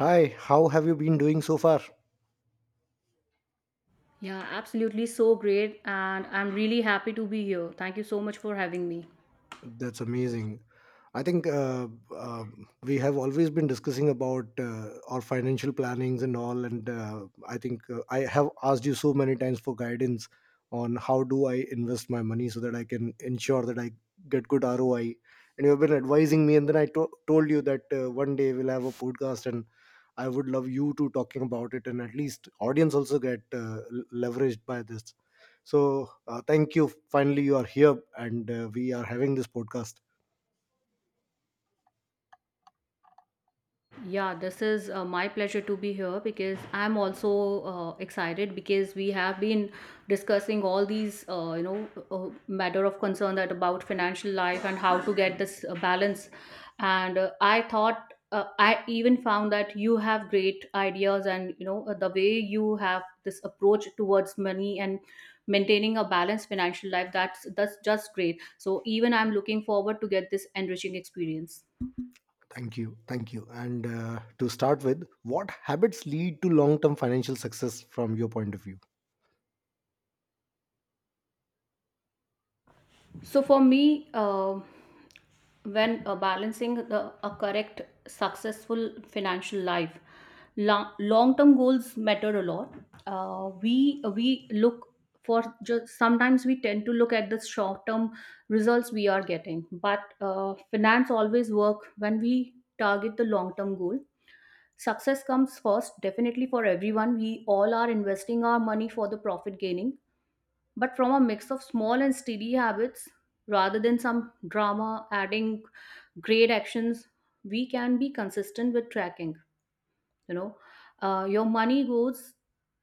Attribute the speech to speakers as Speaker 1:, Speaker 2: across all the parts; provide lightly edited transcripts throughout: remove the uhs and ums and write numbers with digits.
Speaker 1: Hi, how have you been doing so far?
Speaker 2: Yeah, absolutely so great. And I'm really happy to be here. Thank you so much for having me.
Speaker 1: That's amazing. I think uh, we have always been discussing about our financial plannings and all, and I think I have asked you so many times for guidance on how do I invest my money so that I can ensure that I get good ROI. And you have been advising me, and then I told you that one day we'll have a podcast, and I would love you to talking about it, and at least audience also get leveraged by this. So thank you. Finally, you are here, and we are having this podcast.
Speaker 2: Yeah, this is my pleasure to be here because I'm also excited because we have been discussing all these, matter of concern that about financial life and how to get this balance. And I even found that you have great ideas, and you know the way you have this approach towards money and maintaining a balanced financial life. That's just great. So even I'm looking forward to get this enriching experience.
Speaker 1: Thank you. Thank you. And to start with, what habits lead to long term financial success from your point of view?
Speaker 2: So for me, when balancing a correct, successful financial life, long term goals matter a lot. We look for just sometimes we tend to look at the short term results we are getting, but finance always work when we target the long term goal. Success comes first, definitely for everyone. We all are investing our money for the profit gaining, but from a mix of small and steady habits rather than some drama adding great actions, we can be consistent with tracking. You know your money goes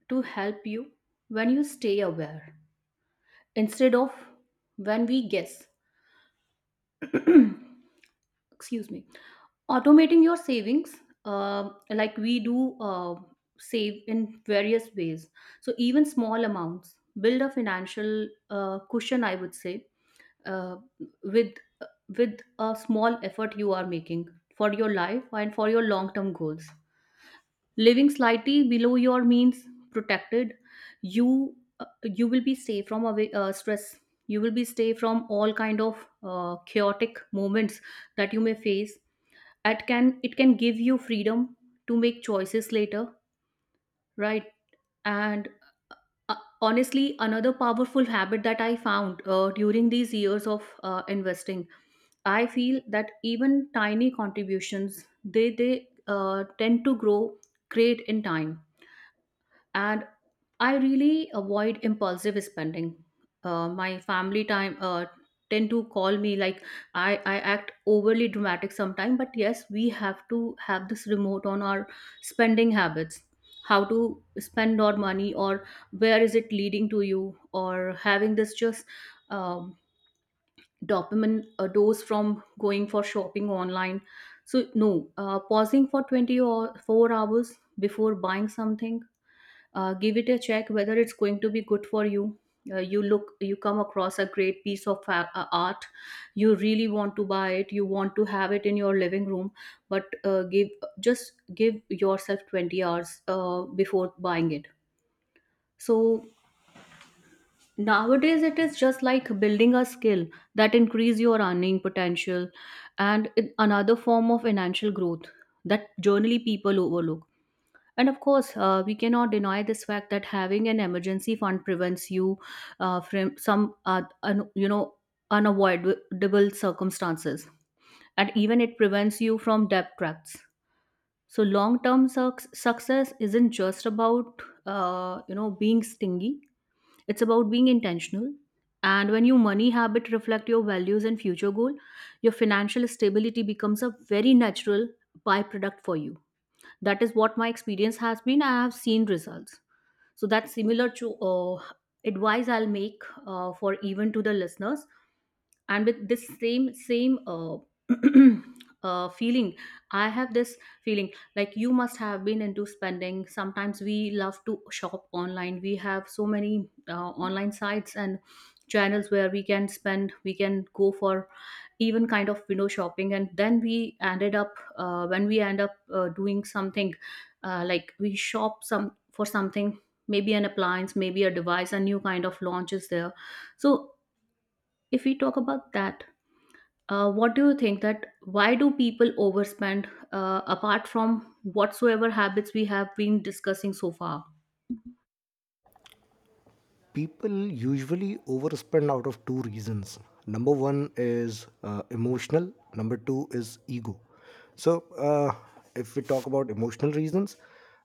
Speaker 2: to help you when you stay aware instead of when we guess. Excuse me. Automating your savings, like we do, save in various ways, so even small amounts build a financial cushion, I would say. Uh, with with a small effort you are making for your life and for your long term goals, living slightly below your means, protected, you will be safe from away, stress. You will be safe from all kind of chaotic moments that you may face. It can give you freedom to make choices later, right? And uh, honestly, another powerful habit that I found during these years of investing, I feel that even tiny contributions, they tend to grow great in time. And I really avoid impulsive spending. My family time tend to call me like i I act overly dramatic sometimes, but yes, we have to have this remote on our spending habits: how to spend our money, or where is it leading to you, or having this just um, dopamine dose from going for shopping online. So no, pausing for 20 or 4 hours before buying something, give it a check whether it's going to be good for you. Uh, you look you come across a great piece of art, you really want to buy it, you want to have it in your living room, but give yourself 20 hours before buying it. So nowadays it is just like building a skill that increase your earning potential and in another form of financial growth that generally people overlook. And of course, we cannot deny this fact that having an emergency fund prevents you from some, unavoidable circumstances, and even it prevents you from debt traps. So, long-term success isn't just about being stingy; it's about being intentional. And when your money habit reflect your values and future goal, your financial stability becomes a very natural byproduct for you. That is what my experience has been. I have seen results. So that's similar to advice I'll make, for even to the listeners. And with this same feeling, I have this feeling like you must have been into spending. Sometimes we love to shop online. We have so many online sites and channels where we can spend, we can go for even kind of window shopping, and then we ended up when we end up doing something, like we shop some for something, maybe an appliance, maybe a device, a new kind of launch is there. So if we talk about that, what do you think that why do people overspend, apart from whatsoever habits we have been discussing so far?
Speaker 1: People usually overspend out of two reasons. Number one is emotional, number two is ego. So if we talk about emotional reasons,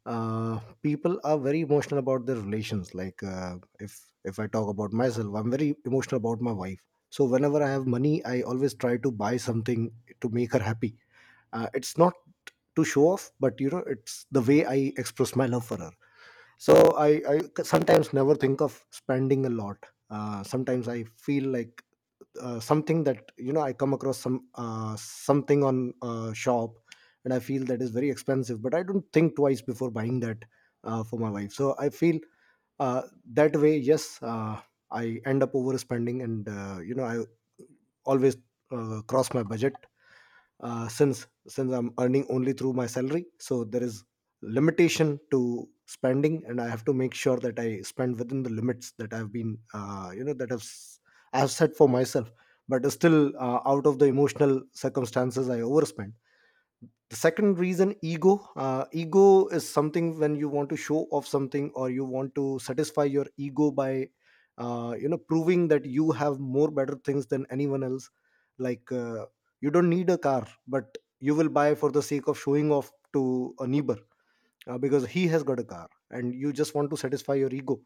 Speaker 1: people are very emotional about their relations, like if I talk about myself, I'm very emotional about my wife, so whenever I have money I always try to buy something to make her happy. It's not to show off, but you know, it's the way I express my love for her. So I sometimes never think of spending a lot. Sometimes I feel like something that you know I come across something on shop and I feel that is very expensive, but I don't think twice before buying that for my wife. So I feel that way, yes, I end up overspending, and you know, I always cross my budget. Since I'm earning only through my salary, so there is limitation to spending, and I have to make sure that I spend within the limits that I've been you know, that I've set for myself. But still out of the emotional circumstances, I overspend. The second reason, ego. Ego is something when you want to show off something or you want to satisfy your ego by you know, proving that you have more better things than anyone else. Like you don't need a car, but you will buy for the sake of showing off to a neighbor, because he has got a car and you just want to satisfy your ego,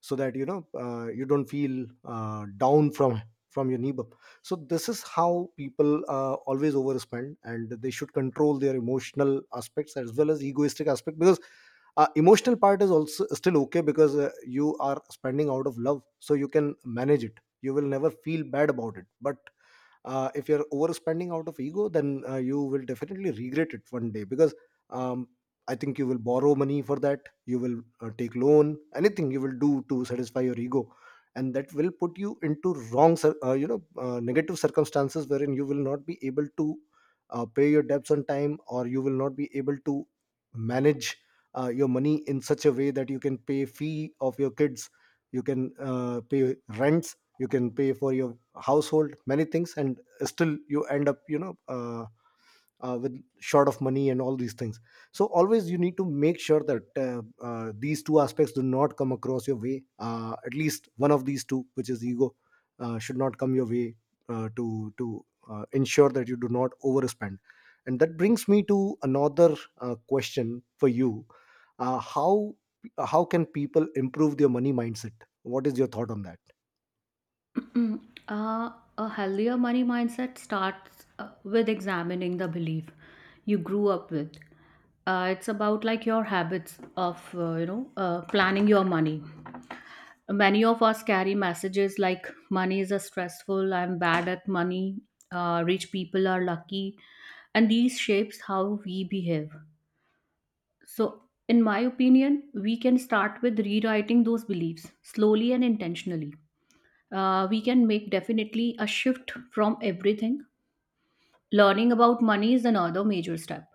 Speaker 1: so that you know you don't feel down from your neighbor. So this is how people always overspend, and they should control their emotional aspects as well as egoistic aspect. Because emotional part is also still okay, because you are spending out of love, so you can manage it, you will never feel bad about it. But if you're overspending out of ego, then you will definitely regret it one day, because um, I think you will borrow money for that, you will take loan, anything you will do to satisfy your ego. And that will put you into you know negative circumstances, wherein you will not be able to pay your debts on time, or you will not be able to manage your money in such a way that you can pay fee of your kids, you can pay rents, you can pay for your household, many things, and still you end up you know with short of money and all these things. So always you need to make sure that these two aspects do not come across your way, at least one of these two, which is ego, should not come your way to ensure that you do not overspend. And that brings me to another question for you. Uh, how how can people improve their money mindset? What is your thought on that?
Speaker 2: Mm, uh, a healthier money mindset starts with examining the belief you grew up with. It's about like your habits of planning your money. Many of us carry messages like money is a stressful, I'm bad at money, rich people are lucky, and these shapes how we behave. So, in my opinion, we can start with rewriting those beliefs slowly and intentionally. We can make definitely a shift from everything. Learning about money is another major step.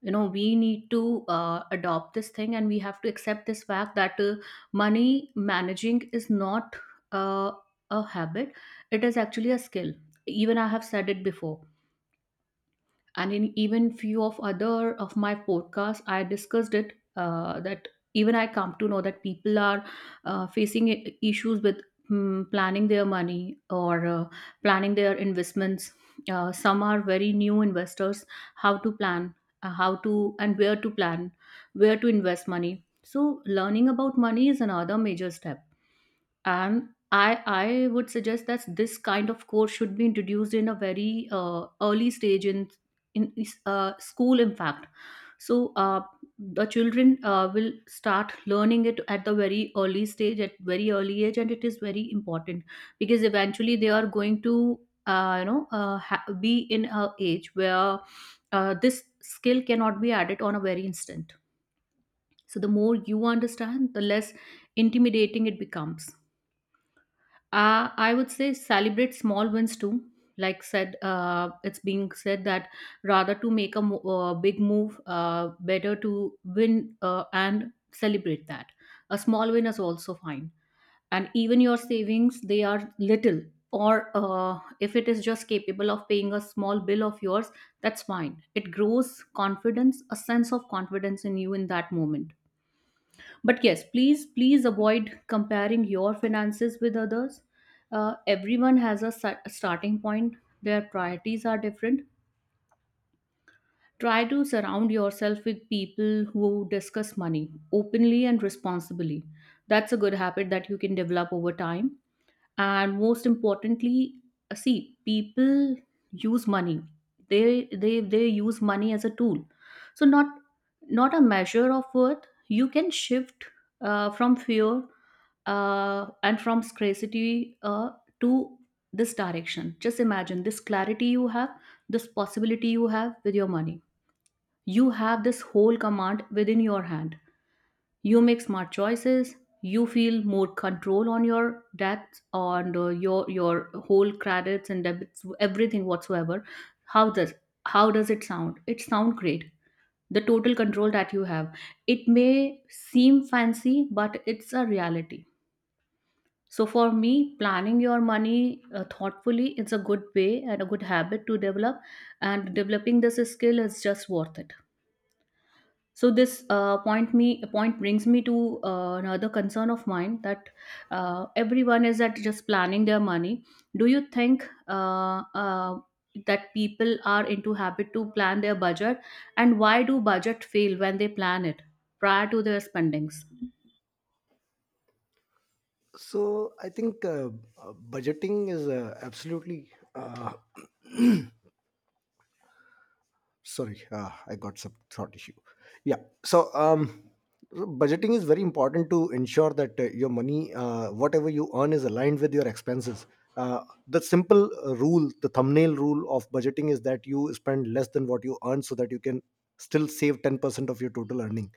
Speaker 2: You know, we need to adopt this thing, and we have to accept this fact that money managing is not uh, a habit, it is actually a skill. Even I have said it before, and in even few of other of my podcasts I discussed it, that even I come to know that people are facing issues with planning their money or planning their investments. Some are very new investors. How to plan, how to and where to plan, where to invest money. So learning about money is another major step. And I would suggest that this kind of course should be introduced in a very early stage in in school, in fact. So the children will start learning it at the very early stage, at very early age, and it is very important because eventually they are going to be in a age where this skill cannot be added on a very instant. So the more you understand, the less intimidating it becomes. I would say celebrate small wins too. Like said, it's being said that rather to make a big move, better to win and celebrate that. A small win is also fine. And even your savings, they are little. Or if it is just capable of paying a small bill of yours, that's fine. It grows confidence, a sense of confidence in you in that moment. But yes, please avoid comparing your finances with others. Everyone has a starting point, their priorities are different. Try to surround yourself with people who discuss money openly and responsibly. That's a good habit that you can develop over time. And most importantly, see people use money. They use money as a tool, so not a measure of worth. You can shift from fear, and from scarcity, to this direction. Just imagine this clarity you have, this possibility you have with your money. You have this whole command within your hand. You make smart choices. You feel more control on your debts, on your whole credits and debits, everything whatsoever. How does how does it sound? It sound great, the total control that you have. It may seem fancy, but it's a reality. So for me, planning your money thoughtfully is a good way and a good habit to develop, and developing this skill is just worth it. So this point brings me to another concern of mine that everyone is at just planning their money. Do you think that people are into habit to plan their budget, and why do budget fail when they plan it prior to their spendings?
Speaker 1: So I think budgeting is absolutely. Sorry, I got some throat issue. Yeah. So so budgeting is very important to ensure that your money, whatever you earn, is aligned with your expenses. The simple rule, the thumbnail rule of budgeting is that you spend less than what you earn, so that you can still save 10% of your total earning.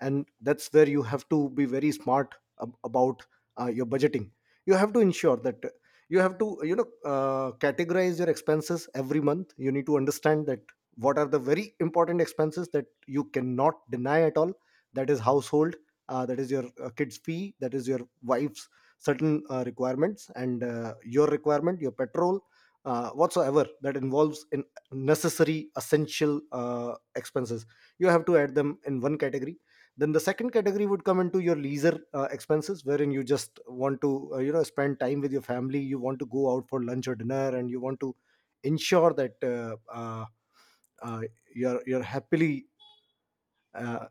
Speaker 1: And that's where you have to be very smart about your budgeting. You have to ensure that you have to, you know, categorize your expenses. Every month you need to understand that what are the very important expenses that you cannot deny at all. That is household, that is your kids fee, that is your wife's certain requirements, and your requirement, your petrol, whatsoever that involves in necessary essential expenses. You have to add them in one category. Then the second category would come into your leisure expenses, wherein you just want to you know, spend time with your family, you want to go out for lunch or dinner, and you want to ensure that uh, you're happily uh,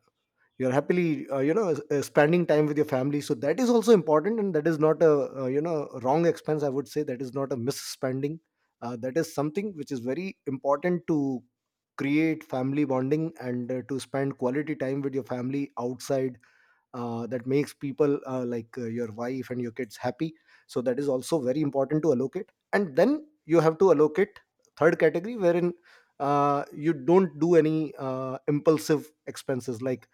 Speaker 1: you're happily you know spending time with your family. So that is also important, and that is not a you know, wrong expense, I would say. That is not a misspending, that is something which is very important to create family bonding and to spend quality time with your family outside. That makes people your wife and your kids happy. So that is also very important to allocate. And then you have to allocate third category, wherein you don't do any impulsive expenses. Like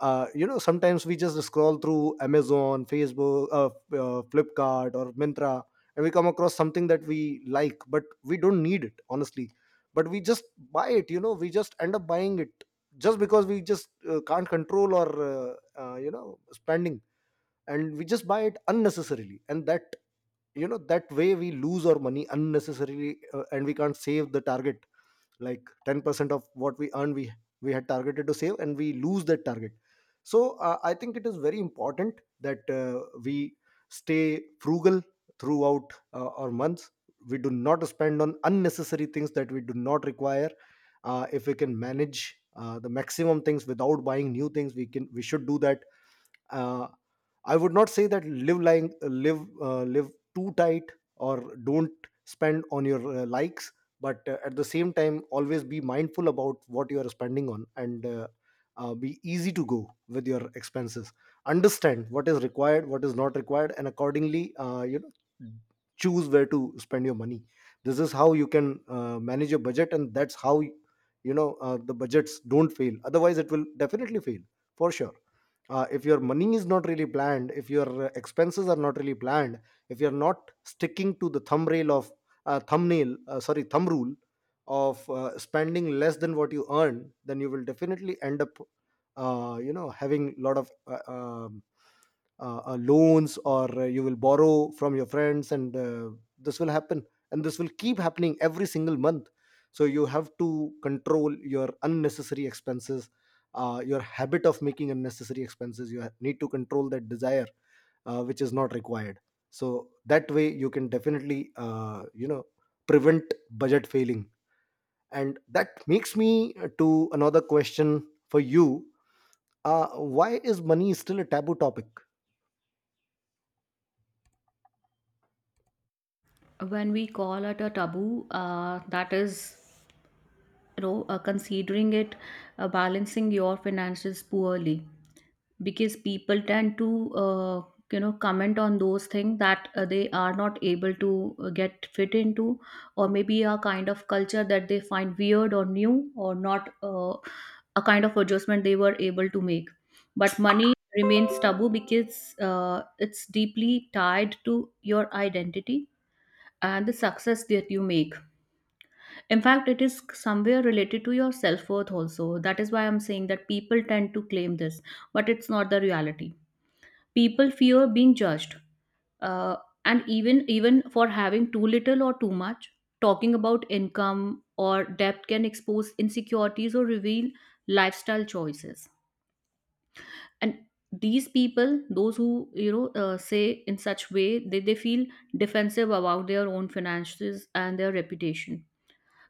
Speaker 1: you know, sometimes we just scroll through Amazon, Facebook, Flipkart or Mintra, and we come across something that we like, but we don't need it honestly. But we just buy it, you know, we just end up buying it, just because we just can't control or you know, spending. And we just buy it unnecessarily, and that you know, that way we lose our money unnecessarily, and we can't save the target, like 10% of what we earn we had targeted to save, and we lose that target. So I think it is very important that we stay frugal throughout our months. We do not spend on unnecessary things that we do not require. If we can manage the maximum things without buying new things, we should do that. uh, I would not say that live lying live live too tight, or don't spend on your likes. But at the same time, always be mindful about what you are spending on, and be easy to go with your expenses. Understand what is required, what is not required, and accordingly you choose where to spend your money. This is how you can manage your budget, and that's how you know the budgets don't fail. Otherwise it will definitely fail, for sure. If your money is not really planned, if your expenses are not really planned, if you're not sticking to the thumbnail of thumbnail sorry, thumb rule of spending less than what you earn, then you will definitely end up you know, having a lot of loans, or you will borrow from your friends. And this will happen, and this will keep happening every single month. So you have to control your unnecessary expenses, your habit of making unnecessary expenses. You need to control that desire which is not required. So that way you can definitely you know, prevent budget failing. And that makes me to another question for you. Why is money still a taboo topic?
Speaker 2: When we call it a taboo, that is considering it balancing your finances poorly, because people tend to comment on those things that they are not able to get fit into, or maybe a kind of culture that they find weird or new or not a kind of adjustment they were able to make. But money remains taboo because it's deeply tied to your identity and the success that you make. In fact, it is somewhere related to your self worth also. That is why I'm saying that people tend to claim this, but it's not the reality. People fear being judged, uh, and even for having too little or too much. Talking about income or debt can expose insecurities or reveal lifestyle choices. And these people, those who say in such way, they feel defensive about their own finances and their reputation.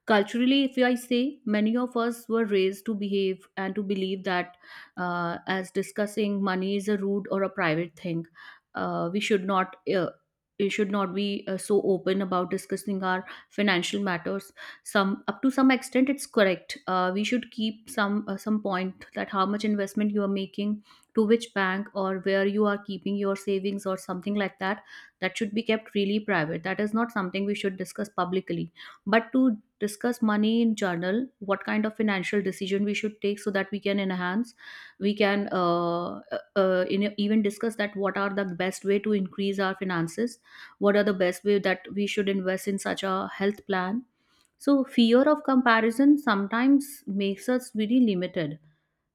Speaker 2: Culturally, if I say, many of us were raised to behave and to believe that as discussing money is a rude or a private thing, we should not. We should not be so open about discussing our financial matters. Some up to some extent it's correct. We should keep some point that how much investment you are making, to which bank or where you are keeping your savings or something like that. That should be kept really private. That is not something we should discuss publicly. But to discuss money in journal, what kind of financial decision we should take so that we can enhance, we can even discuss that what are the best way to increase our finances, what are the best way that we should invest in such a health plan. So fear of comparison sometimes makes us really limited,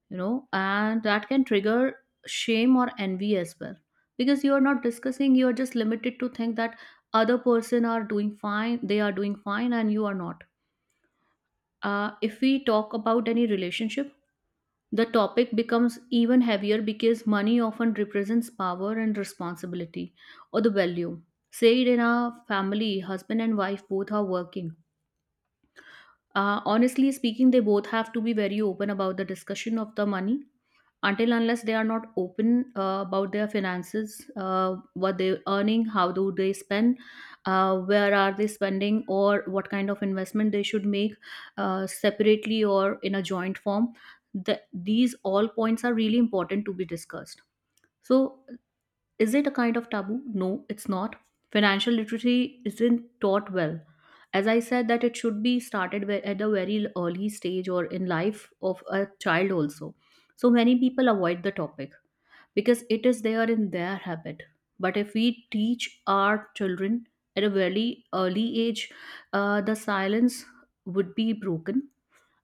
Speaker 2: you know, and that can trigger shame or envy as well, because you are not discussing, you are just limited to think that other person are doing fine, they are doing fine and you are not. If we talk about any relationship, the topic becomes even heavier because money often represents power and responsibility or the value. Say it in a family, husband and wife both are working. Honestly speaking, they both have to be very open about the discussion of the money. Until unless they are not open about their finances, what they're earning, how do they spend, where are they spending, or what kind of investment they should make, separately or in a joint form, these all points are really important to be discussed. So, is it a kind of taboo? No, it's not. Financial literacy isn't taught well. As I said, that it should be started at a very early stage or in life of a child also. So many people avoid the topic because it is there in their habit. But if we teach our children at a very early age, the silence would be broken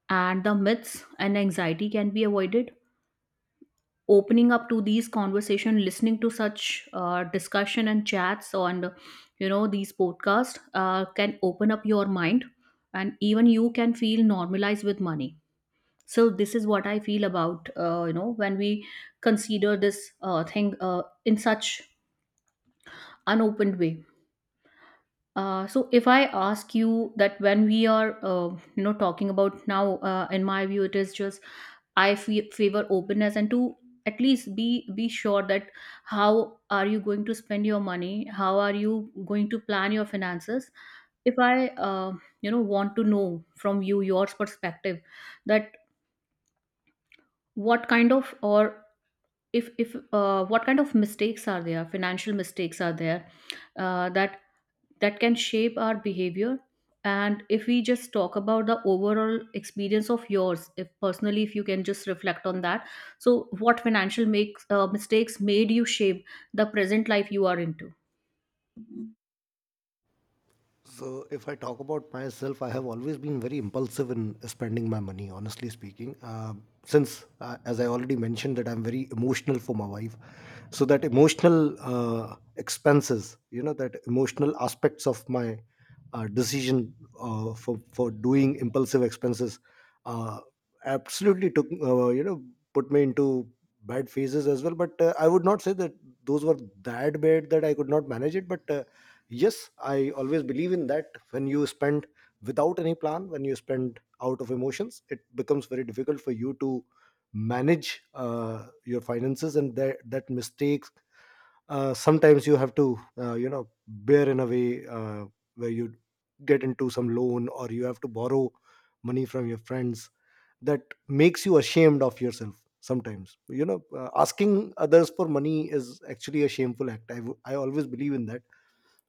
Speaker 2: and the myths and anxiety can be avoided. Opening up to these conversation, listening to such discussion and chats on, you know, these podcasts can open up your mind, and even you can feel normalized with money. So this is what I feel about, you know, when we consider this thing in such unopened way. So if I ask you that when we are, you know, talking about now, in my view, it is just, favor openness, and to at least be sure that how are you going to spend your money, how are you going to plan your finances. If I, you know, want to know from you your perspective, that what kind of, or if what kind of mistakes are there, financial mistakes are there, uh, that that can shape our behavior. And if we just talk about the overall experience of yours, if personally, if you can just reflect on that, so what financial makes mistakes made you shape the present life you are into.
Speaker 1: So, if I talk about myself, I have always been very impulsive in spending my money, honestly speaking. Since, as I already mentioned, that I'm very emotional for my wife. So, that emotional expenses, you know, that emotional aspects of my decision for doing impulsive expenses uh, absolutely took, you know, put me into bad phases as well. But I would not say that those were that bad that I could not manage it. But yes, I always believe in that. When you spend without any plan, when you spend out of emotions, it becomes very difficult for you to manage your finances. And that mistake, sometimes you have to, you know, bear in a way where you get into some loan or you have to borrow money from your friends. That makes you ashamed of yourself sometimes, you know. Asking others for money is actually a shameful act. I always believe in that.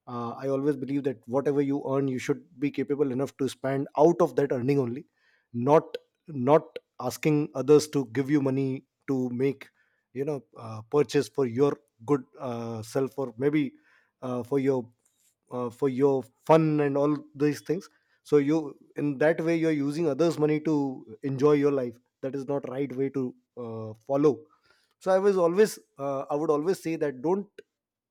Speaker 1: I always believe that whatever you earn, you should be capable enough to spend out of that earning only, not not asking others to give you money to make, you know, purchase for your good, self, or maybe uh, for your for your fun and all these things. So you, in that way, you're using others' money to enjoy your life. That is not right way to follow. So I was always, I would always say that don't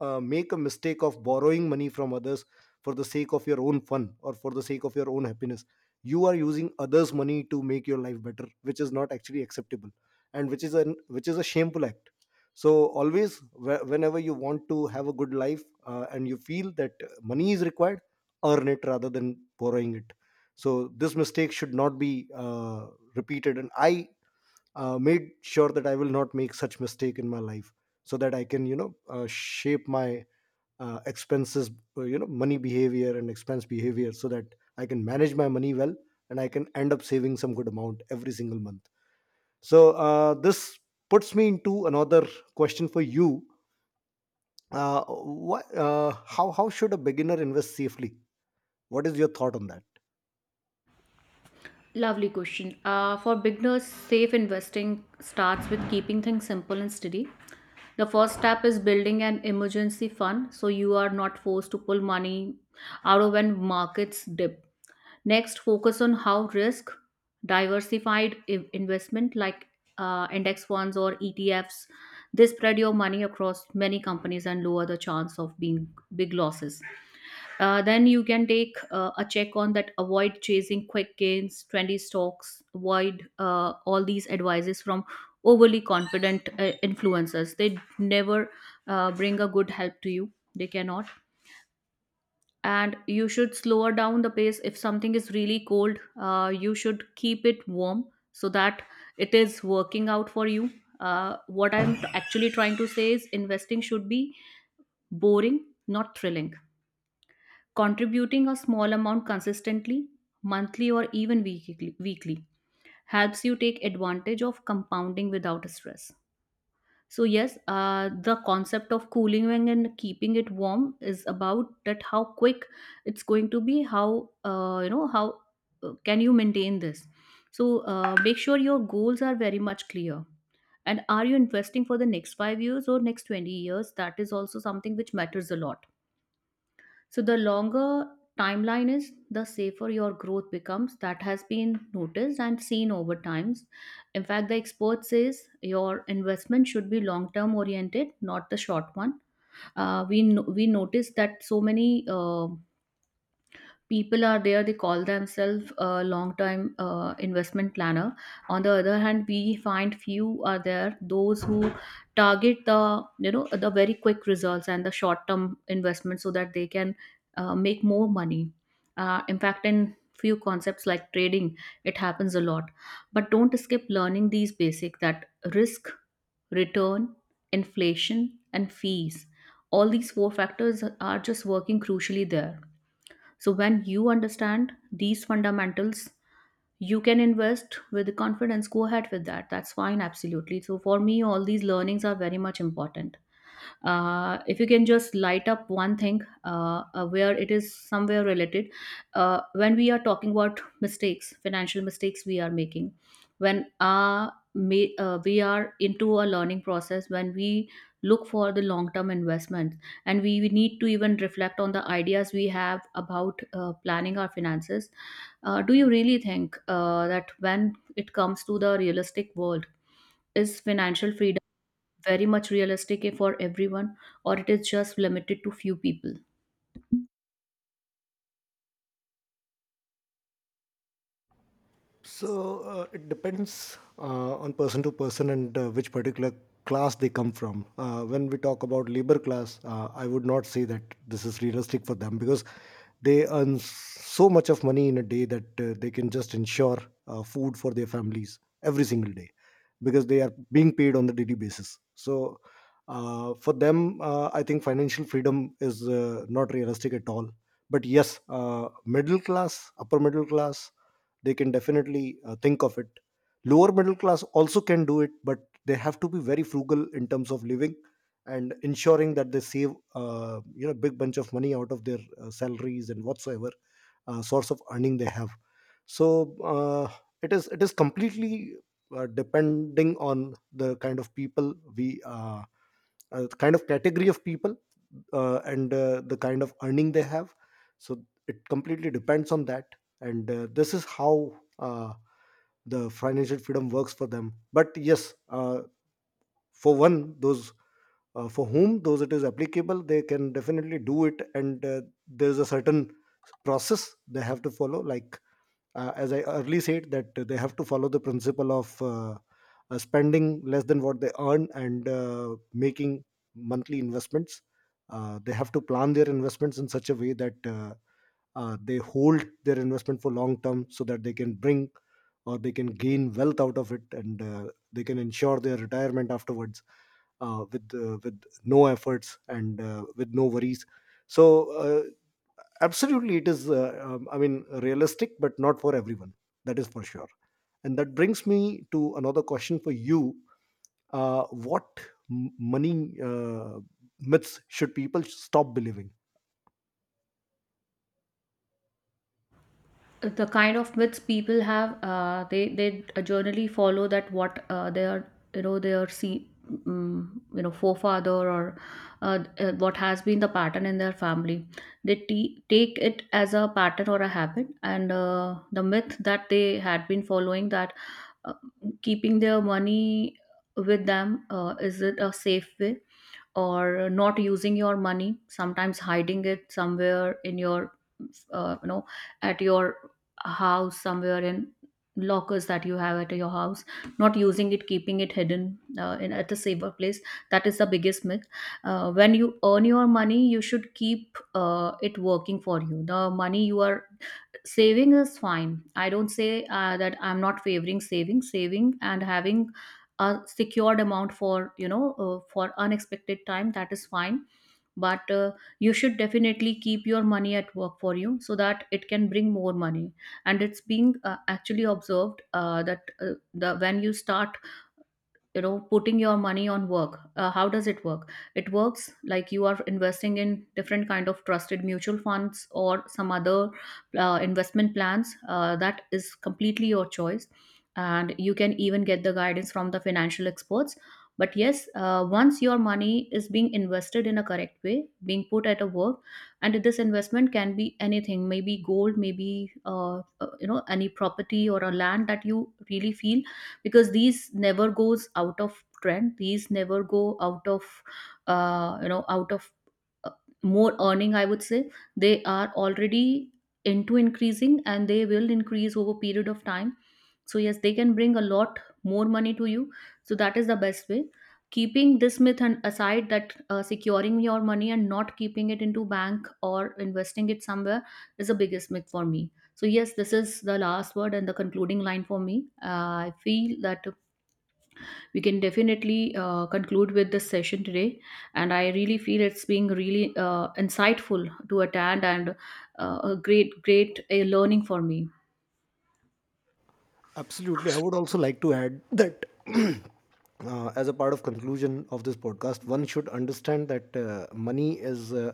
Speaker 1: make a mistake of borrowing money from others for the sake of your own fun or for the sake of your own happiness. You are using others' money to make your life better, which is not actually acceptable, and which is an which is a shameful act. So always, whenever you want to have a good life and you feel that money is required, earn it rather than borrowing it. So this mistake should not be uh, repeated. And I made sure that I will not make such mistake in my life, so that I can, you know, shape my expenses, you know, money behavior and expense behavior, so that I can manage my money well and I can end up saving some good amount every single month. So this puts me into another question for you. How should a beginner invest safely? What is your thought on that?
Speaker 2: Lovely question. For beginners, safe investing starts with keeping things simple and steady. The first step is building an emergency fund so you are not forced to pull money out of when markets dip. Next, focus on how risk diversified investment like index funds or ETFs. They spread your money across many companies and lower the chance of being big losses. Then you can take a check on that. Avoid chasing quick gains, trendy stocks. Avoid all these advices from overly confident influencers. They never bring a good help to you. They cannot. And you should slower down the pace. If something is really cold, you should keep it warm so that it is working out for you. Actually, trying to say is investing should be boring, not thrilling. Contributing a small amount consistently, monthly or even weekly, helps you take advantage of compounding without stress. So yes, the concept of cooling wing and keeping it warm is about that how quick it's going to be, how, you know, how can you maintain this. So make sure your goals are very much clear. And are you investing for the next five years or next 20 years? That is also something which matters a lot. So the longer timeline is, the safer your growth becomes. That has been noticed and seen over times. In fact, the expert says your investment should be long term oriented, not the short one. We no- We notice that so many. People are there, they call themselves a long time investment planner. On the other hand, we find few are there, those who target the, you know, the very quick results and the short term investment, so that they can make more money. In fact, in few concepts like trading, it happens a lot. But don't skip learning these basic, that risk, return, inflation, and fees, all these four factors are just working crucially there. So, when you understand these fundamentals, you can invest with confidence. Go ahead with that. That's fine, absolutely. So, for me, all these learnings are very much important. If you can just light up one thing, where it is somewhere related, when we are talking about mistakes, financial mistakes we are making, when we are into a learning process, when we look for the long term investments, and we need to even reflect on the ideas we have about planning our finances. Do you really think that when it comes to the realistic world, is financial freedom very much realistic, for everyone, or it is just limited to few people?
Speaker 1: So it depends on person to person and which particular class they come from. When we talk about labor class, I would not say that this is realistic for them, because they earn so much of money in a day that they can just ensure food for their families every single day, because they are being paid on the daily basis. So for them, I think financial freedom is not realistic at all. But yes, middle class, upper middle class, they can definitely think of it. Lower middle class also can do it, but they have to be very frugal in terms of living and ensuring that they save, you know, big bunch of money out of their salaries and whatsoever source of earning they have. So it is completely depending on the kind of people we the kind of category of people, and the kind of earning they have. So it completely depends on that. And this is how uh, the financial freedom works for them. But yes, for one those, for whom those it is applicable, they can definitely do it. And there's a certain process they have to follow, like as I early said, that they have to follow the principle of spending less than what they earn, and making monthly investments. They have to plan their investments in such a way that they hold their investment for long term, so that they can bring or they can gain wealth out of it. And they can ensure their retirement afterwards, with no efforts and with no worries. So absolutely, it is. I mean, realistic, but not for everyone. That is for sure. And that brings me to another question for you: what, money myths should people stop believing?
Speaker 2: The kind of myths people have, they generally follow that what, they are, you know, they are see, you know, forefather, or what has been the pattern in their family, they take it as a pattern or a habit. And the myth that they had been following, that uh, keeping their money with them, is it a safe way? Or not using your money, sometimes hiding it somewhere in your, you know, at your house, somewhere in lockers that you have at your house, not using it, keeping it hidden in at a safer place, that is the biggest myth. When you earn your money, you should keep it working for you. The money you are saving is fine. I don't say that I'm not favoring saving. Saving and having a secured amount for, you know, for unexpected time, that is fine. But you should definitely keep your money at work for you, so that it can bring more money. And it's being actually observed that the when you start, you know, putting your money on work, how does it work? It works like you are investing in different kind of trusted mutual funds or some other investment plans. That is completely your choice, and you can even get the guidance from the financial experts. But yes, once your money is being invested in a correct way, being put at a work, and this investment can be anything, maybe gold, maybe you know, any property or a land that you really feel, because these never goes out of trend, these never go out of, you know, out of, uh, more earning, I would say. They are already into increasing, and they will increase over period of time. So yes, they can bring a lot more money to you. So that is the best way. Keeping this myth and aside that, securing your money and not keeping it into bank or investing it somewhere, is the biggest myth for me. So, yes, this is the last word and the concluding line for me. I feel that we can definitely conclude with this session today. And I really feel it's being really insightful to attend, and a great, learning for me.
Speaker 1: Absolutely. I would also like to add that, as a part of conclusion of this podcast, one should understand that money is, uh,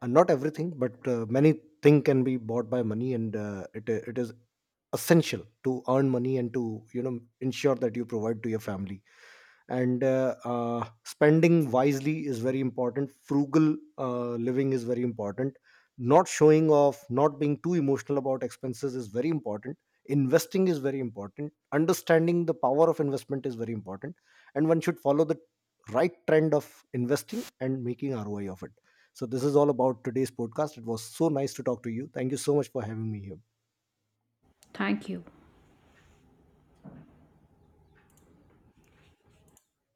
Speaker 1: uh, not everything, but many things can be bought by money. And it is essential to earn money and to, you know, ensure that you provide to your family. And spending wisely is very important. Frugal living is very important. Not showing off, not being too emotional about expenses is very important. Investing is very important. Understanding the power of investment is very important. And one should follow the right trend of investing and making ROI of it. So this is all about today's podcast. It was so nice to talk to you. Thank you so much for having me here.
Speaker 2: Thank you.